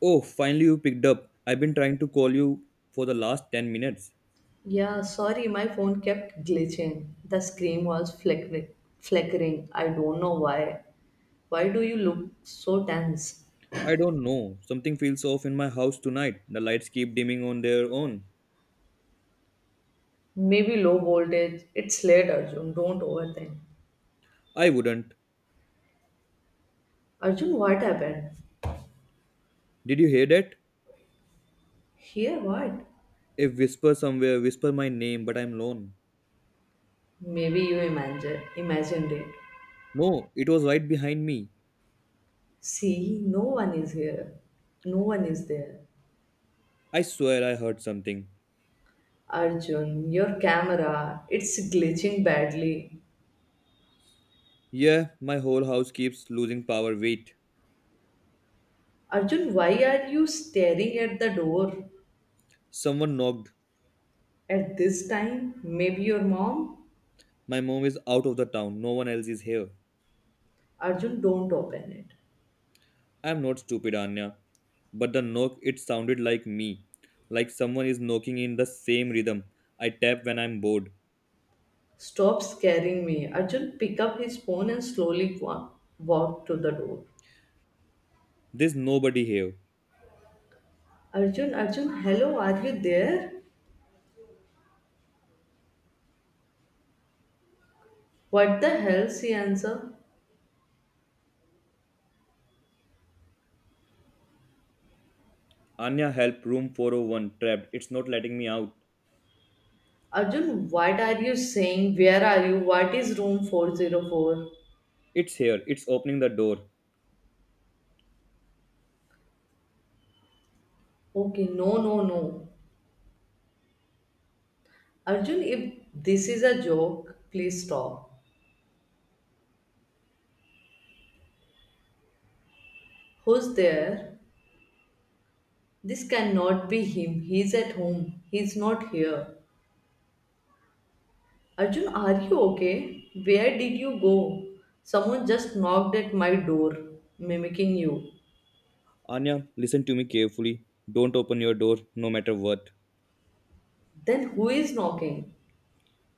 Oh, finally you picked up. I've been trying to call you for the last 10 minutes. Yeah, sorry, my phone kept glitching. The screen was flickering. I don't know why. Why do you look so tense? I don't know. Something feels off in my house tonight. The lights keep dimming on their own. Maybe low voltage. It's late, Arjun. Don't overthink. I wouldn't. Arjun, what happened? Did you hear that? Here, what? A whisper somewhere, whisper my name, but I'm alone. Maybe you imagined it. No, it was right behind me. See, no one is here. No one is there. I swear I heard something. Arjun, your camera, it's glitching badly. Yeah, my whole house keeps losing power. Wait. Arjun, why are you staring at the door? Someone knocked. At this time, maybe your mom? My mom is out of the town. No one else is here. Arjun, don't open it. I'm not stupid, Anya. But the knock, it sounded like me. Like someone is knocking in the same rhythm. I tap when I'm bored. Stop scaring me. Arjun, pick up his phone and slowly walk to the door. There's nobody here. Arjun, Arjun, hello, are you there? What the hell? She answered. Anya, help, room 401, trapped. It's not letting me out. Arjun, what are you saying? Where are you? What is room 404? It's here, it's opening the door. Okay, no, no, no. Arjun, if this is a joke, please stop. Who's there? This cannot be him. He's at home. He's not here. Arjun, are you okay? Where did you go? Someone just knocked at my door, mimicking you. Anya, listen to me carefully. Don't open your door, no matter what. Then who is knocking?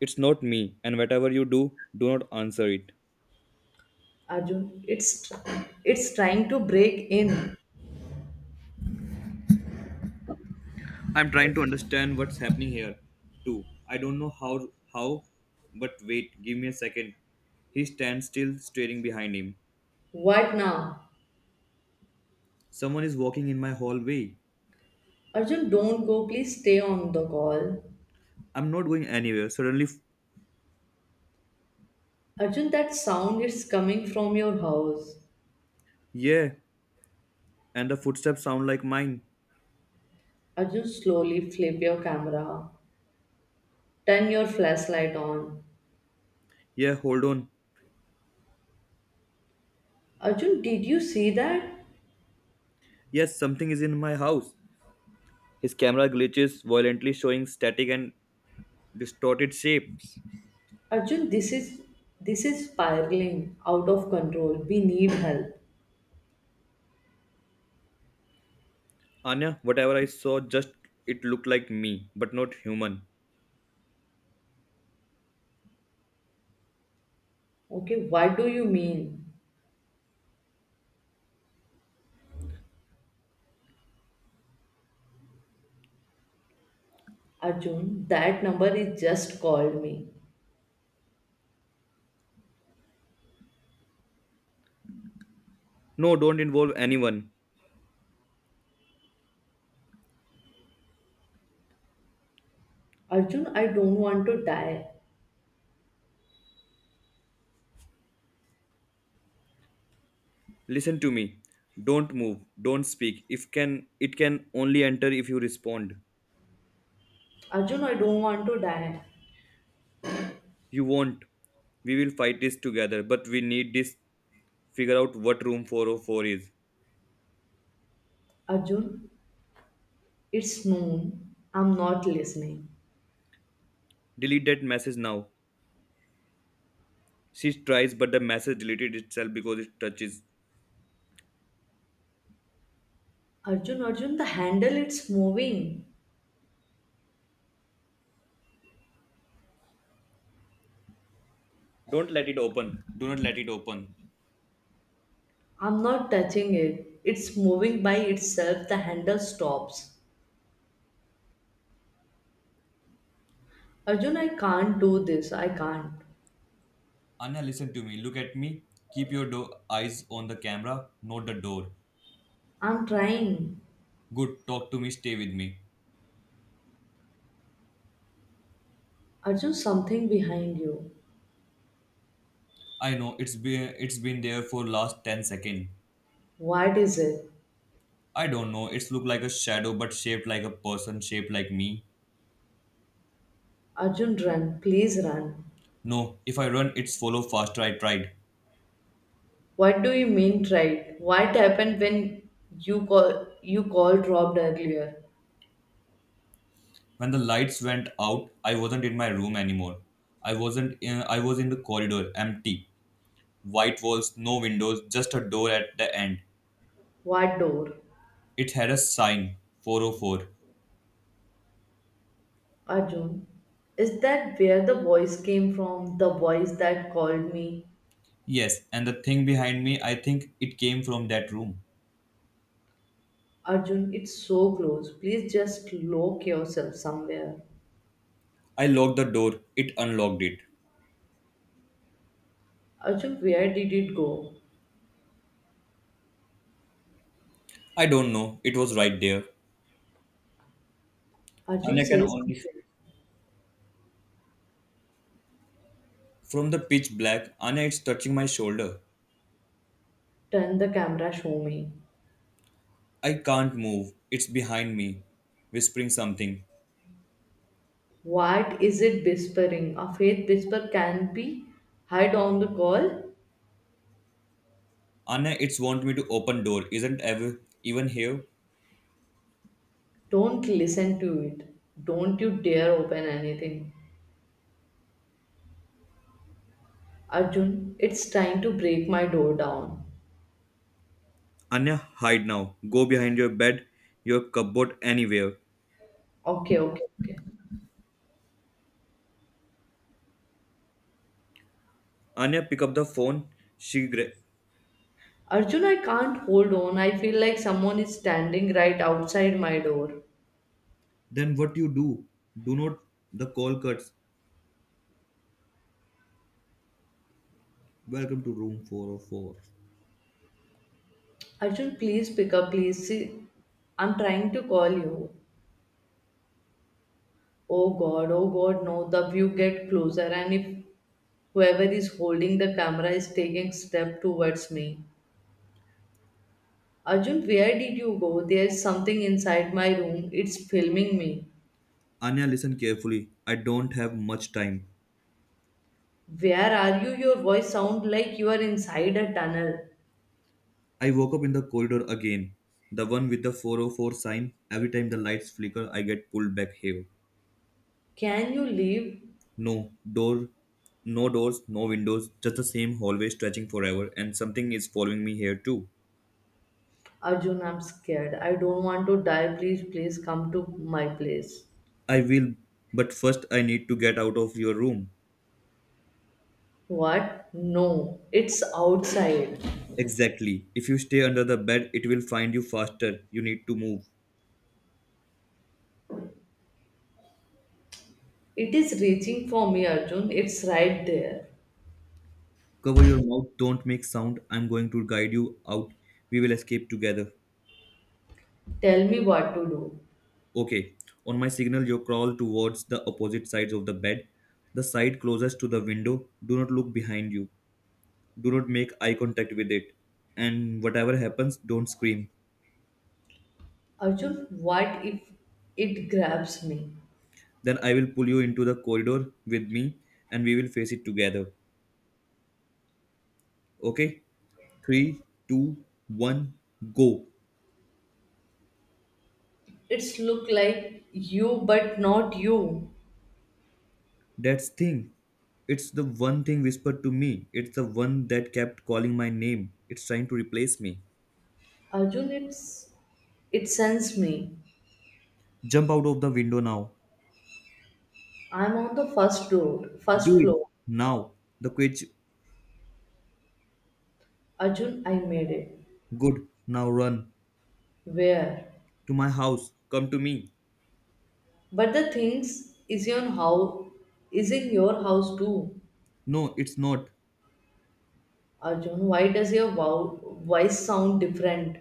It's not me, and whatever you do, do not answer it. Arjun, it's trying to break in. I'm trying to understand what's happening here, too. I don't know how, but wait, give me a second. He stands still, staring behind him. What now? Someone is walking in my hallway. Arjun, don't go. Please stay on the call. I'm not going anywhere. Suddenly, Arjun, that sound is coming from your house. yeah, and the footsteps sound like mine. Arjun, slowly flip your camera. Turn your flashlight on. Yeah, hold on. Arjun, did you see that? Yes, something is in my house. His camera glitches, violently showing static and distorted shapes. Arjun, this is spiraling out of control. We need help. Anya, whatever I saw, just it looked like me, but not human. Okay, what do you mean? Arjun, that number is just called me. No, don't involve anyone. Arjun, I don't want to die. Listen to me. Don't move. Don't speak. If can it can only enter if you respond. Arjun, I don't want to die. You won't. We will fight this together, but we need this figure out what room 404 is. Arjun, it's noon. I'm not listening. Delete that message now. She tries, but the message deleted itself because it touches. Arjun, Arjun, the handle it's moving. Don't let it open. Do not let it open. I'm not touching it. It's moving by itself. The handle stops. Arjun, I can't do this. I can't. Anna, listen to me. Look at me. Keep your eyes on the camera, not the door. I'm trying. Good. Talk to me. Stay with me. Arjun, something behind you. I know it's been there for last 10 seconds. What is it? I don't know. It's look like a shadow, but shaped like a person, shaped like me. Arjun, run. Please run. No, if I run, it's follow faster. I tried. What do you mean tried? What happened when you called robbed earlier? When the lights went out, I wasn't in my room anymore. I wasn't. In, I was in the corridor, empty, white walls, no windows, just a door at the end. What door? It had a sign, 404. Arjun. Is that where the voice came from? The voice that called me? Yes, and the thing behind me, I think it came from that room. Arjun, it's so close. Please just lock yourself somewhere. I locked the door. It unlocked it. Arjun, where did it go? I don't know. It was right there. Arjun, Anya can say only. something. From the pitch black, Anya is touching my shoulder. Turn the camera, show me. I can't move. It's behind me, whispering something. What is it whispering? A faith whisper can be hide on the call. Anya, it's want me to open door. Isn't ever even here? Don't listen to it. Don't you dare open anything. Arjun, it's trying to break my door down. Anya, hide now. Go behind your bed, your cupboard, anywhere. Okay, okay, okay. Anya, pick up the phone. She gra- Arjun, I can't hold on. I feel like someone is standing right outside my door. then what you do? Do not. The call cuts. Welcome to room 404. Arjun, please pick up, please. See, I'm trying to call you. Oh God, no. The view get closer, and if whoever is holding the camera is taking step towards me. Arjun, where did you go? There's something inside my room. It's filming me. Anya, listen carefully. I don't have much time. Where are you? Your voice sound like you are inside a tunnel. I woke up in the corridor again. The one with the 404 sign. Every time the lights flicker, I get pulled back here. Can you leave? No door, no doors, no windows, just the same hallway stretching forever, and something is following me here too. Arjun, I'm scared. I don't want to die. Please, please come to my place. I will, but first I need to get out of your room. What? No, it's outside. Exactly. If you stay under the bed, it will find you faster. You need to move. It is reaching for me, Arjun. It's right there. Cover your mouth, don't make sound. I'm going to guide you out. We will escape together. Tell me what to do. Okay. On my signal, you crawl towards the opposite sides of the bed, the side closest to the window. Do not look behind you. Do not make eye contact with it, and whatever happens, don't scream. Arjun, what if it grabs me? Then I will pull you into the corridor with me, and we will face it together. Okay. 3, 2, 1 go. It's look like you but not you. That's thing. It's the one thing whispered to me. It's the one that kept calling my name. It's trying to replace me. Arjun, it sends me. Jump out of the window now. I'm on the first floor, Do first it floor. now. The quitch. Arjun, I made it. Good, now run. Where? To my house, come to me. But the things is in how is in your house too. No, it's not. Arjun, why does your voice sound different?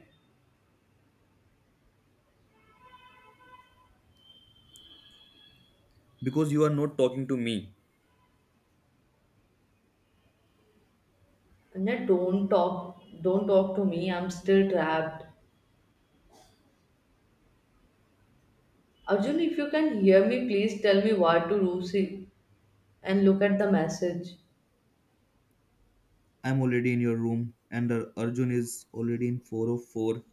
Because you are not talking to me. Anya, don't talk to me. I'm still trapped. Arjun, if you can hear me, please tell me what to do. See and look at the message. I'm already in your room, and Arjun is already in 404.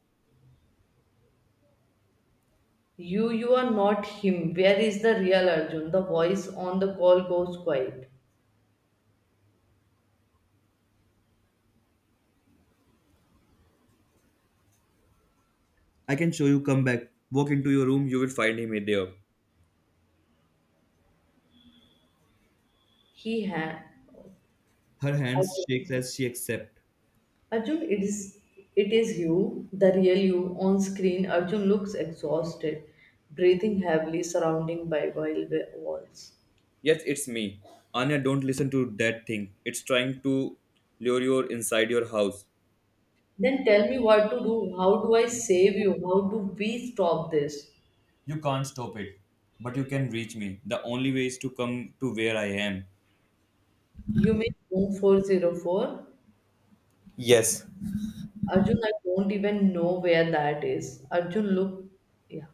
You are not him. Where is the real Arjun? The voice on the call goes quiet. I can show you, come back. Walk into your room, you will find him there. He ha Her hands shakes Arjun. as she accepts. Arjun, it is you, the real you on screen. Arjun looks exhausted, breathing heavily, surrounded by walls. Yes, it's me. Anya, don't listen to that thing. It's trying to lure you inside your house. Then tell me what to do. How do I save you? How do we stop this? You can't stop it, but you can reach me. The only way is to come to where I am. You mean room 404? Yes, Arjun, I don't even know where that is. Arjun, look. Yeah.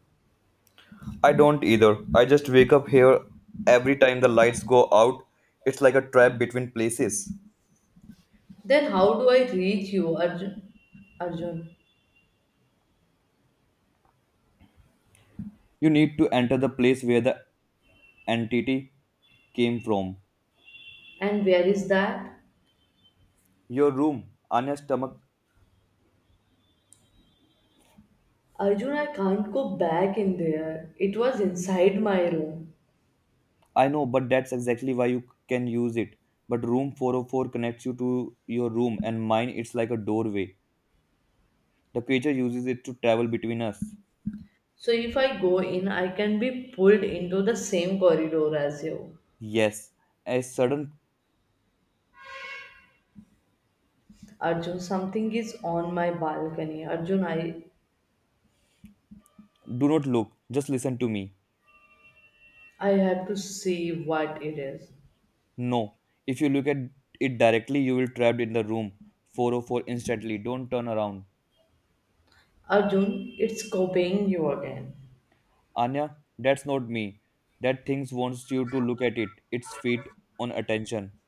I don't either. I just wake up here every time the lights go out. It's like a trap between places. Then how do I reach you, Arjun? Arjun. You need to enter the place where the entity came from. And where is that? Your room on your stomach. Arjun, I can't go back in there. It was inside my room. I know, but that's exactly why you can use it. But room 404 connects you to your room, and mine it's like a doorway. The creature uses it to travel between us. So if I go in, I can be pulled into the same corridor as you. Yes, a sudden Arjun, something is on my balcony. Arjun, do not look, just listen to me. I have to see what it is. No, if you look at it directly, you will trapped in the room 404 instantly. Don't turn around. Arjun, it's copying you again. Anya, that's not me. That thing wants you to look at it. It's feet on attention.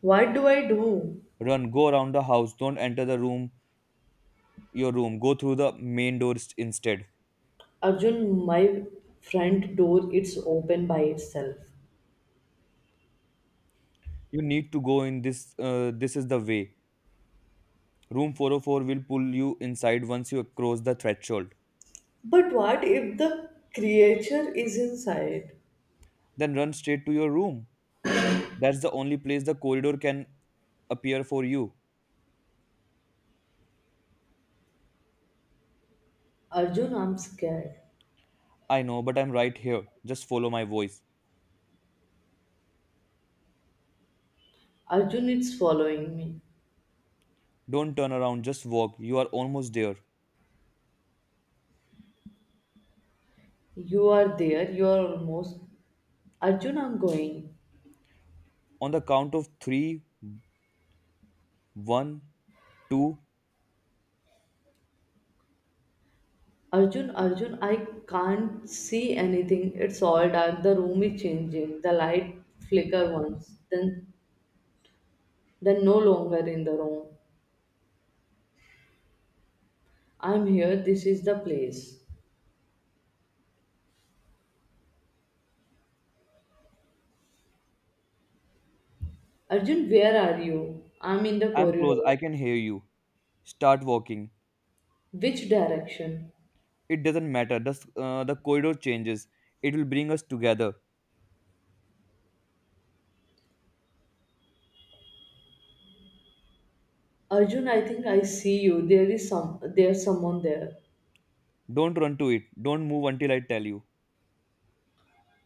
What do I do? Run, go around the house, don't enter the room, your room, go through the main door instead. Arjun, my front door it's open by itself. You need to go in this, this is the way. Room 404 will pull you inside once you cross the threshold. But what if the creature is inside? Then run straight to your room. That's the only place the corridor can appear for you. Arjun, I'm scared. I know, but I'm right here. Just follow my voice. Arjun, it's following me. Don't turn around, just walk. You are almost there. You are there, you are almost. Arjun, I'm going. On the count of three, one, two, Arjun, Arjun, I can't see anything. It's all dark. The room is changing. The light flicker once, then no longer in the room. I'm here. This is the place. Arjun, where are you? I'm in the I'm corridor. close. I can hear you. Start walking. Which direction? It doesn't matter. The corridor changes. It will bring us together. Arjun, I think I see you. There's someone there. Don't run to it. Don't move until I tell you.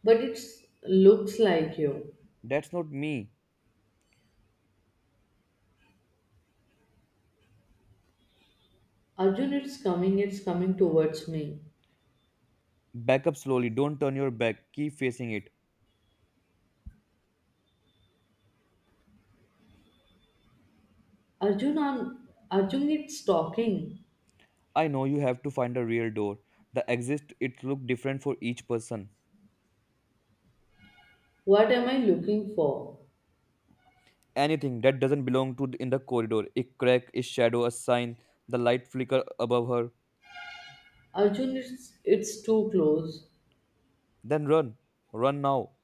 But it looks like you. That's not me. Arjun, it's coming towards me. Back up slowly. Don't turn your back. Keep facing it. Arjun, it's talking. I know you have to find a real door. The exit it look different for each person. What am I looking for? Anything that doesn't belong to in the corridor, a crack, a shadow, a sign, the light flicker above her. Arjun, it's too close. Then run. Run now.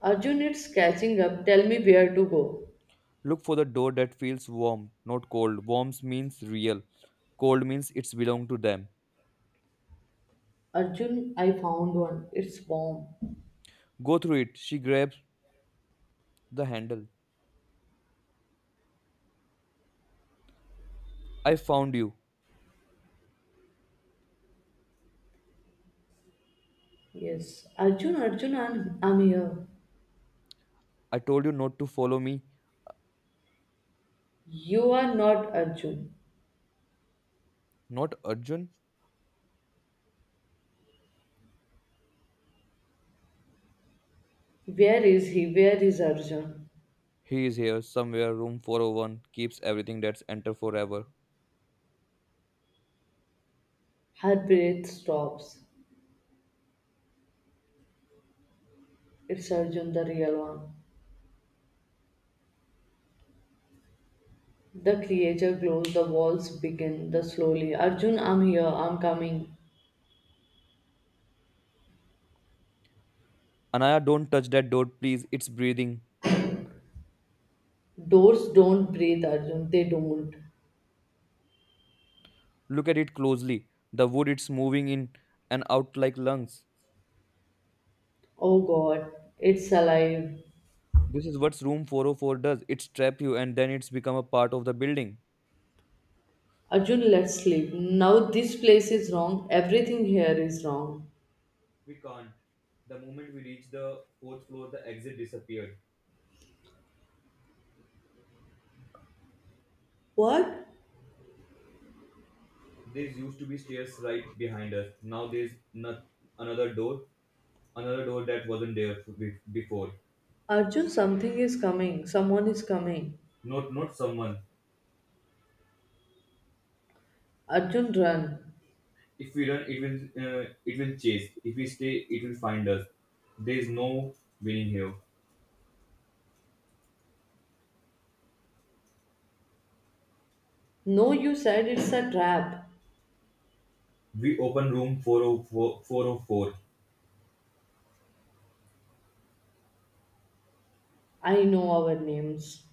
Arjun, it's catching up. Tell me where to go. Look for the door that feels warm, not cold. Warm means real. Cold means it's belong to them. Arjun, I found one. It's warm. Go through it. She grabs the handle. I found you. Yes. I'm here. I told you not to follow me. You are not Arjun. Not Arjun. Where is he? Where is Arjun? He is here somewhere. Room 401 keeps everything that's enter forever. Her breath stops. It's Arjun, the real one. The creature glows, the walls begin, the slowly. Arjun, I'm here, I'm coming. Anaya, don't touch that door, please. It's breathing. Doors don't breathe, Arjun, they don't. Look at it closely. The wood it's moving in and out like lungs. Oh God, it's alive. This is what room 404 does. It's trap you and then it's become a part of the building. Arjun, let's sleep. Now this place is wrong. Everything here is wrong. We can't. The moment we reached the fourth floor, the exit disappeared. What? There used to be stairs right behind us. Now there's not another door, another door that wasn't there before. Arjun, something is coming. Someone is coming. Not someone. Arjun, run. If we run, it will chase. If we stay, it will find us. There is no winning here. No, you said it's a trap. We open room four o four four o four. I know our names.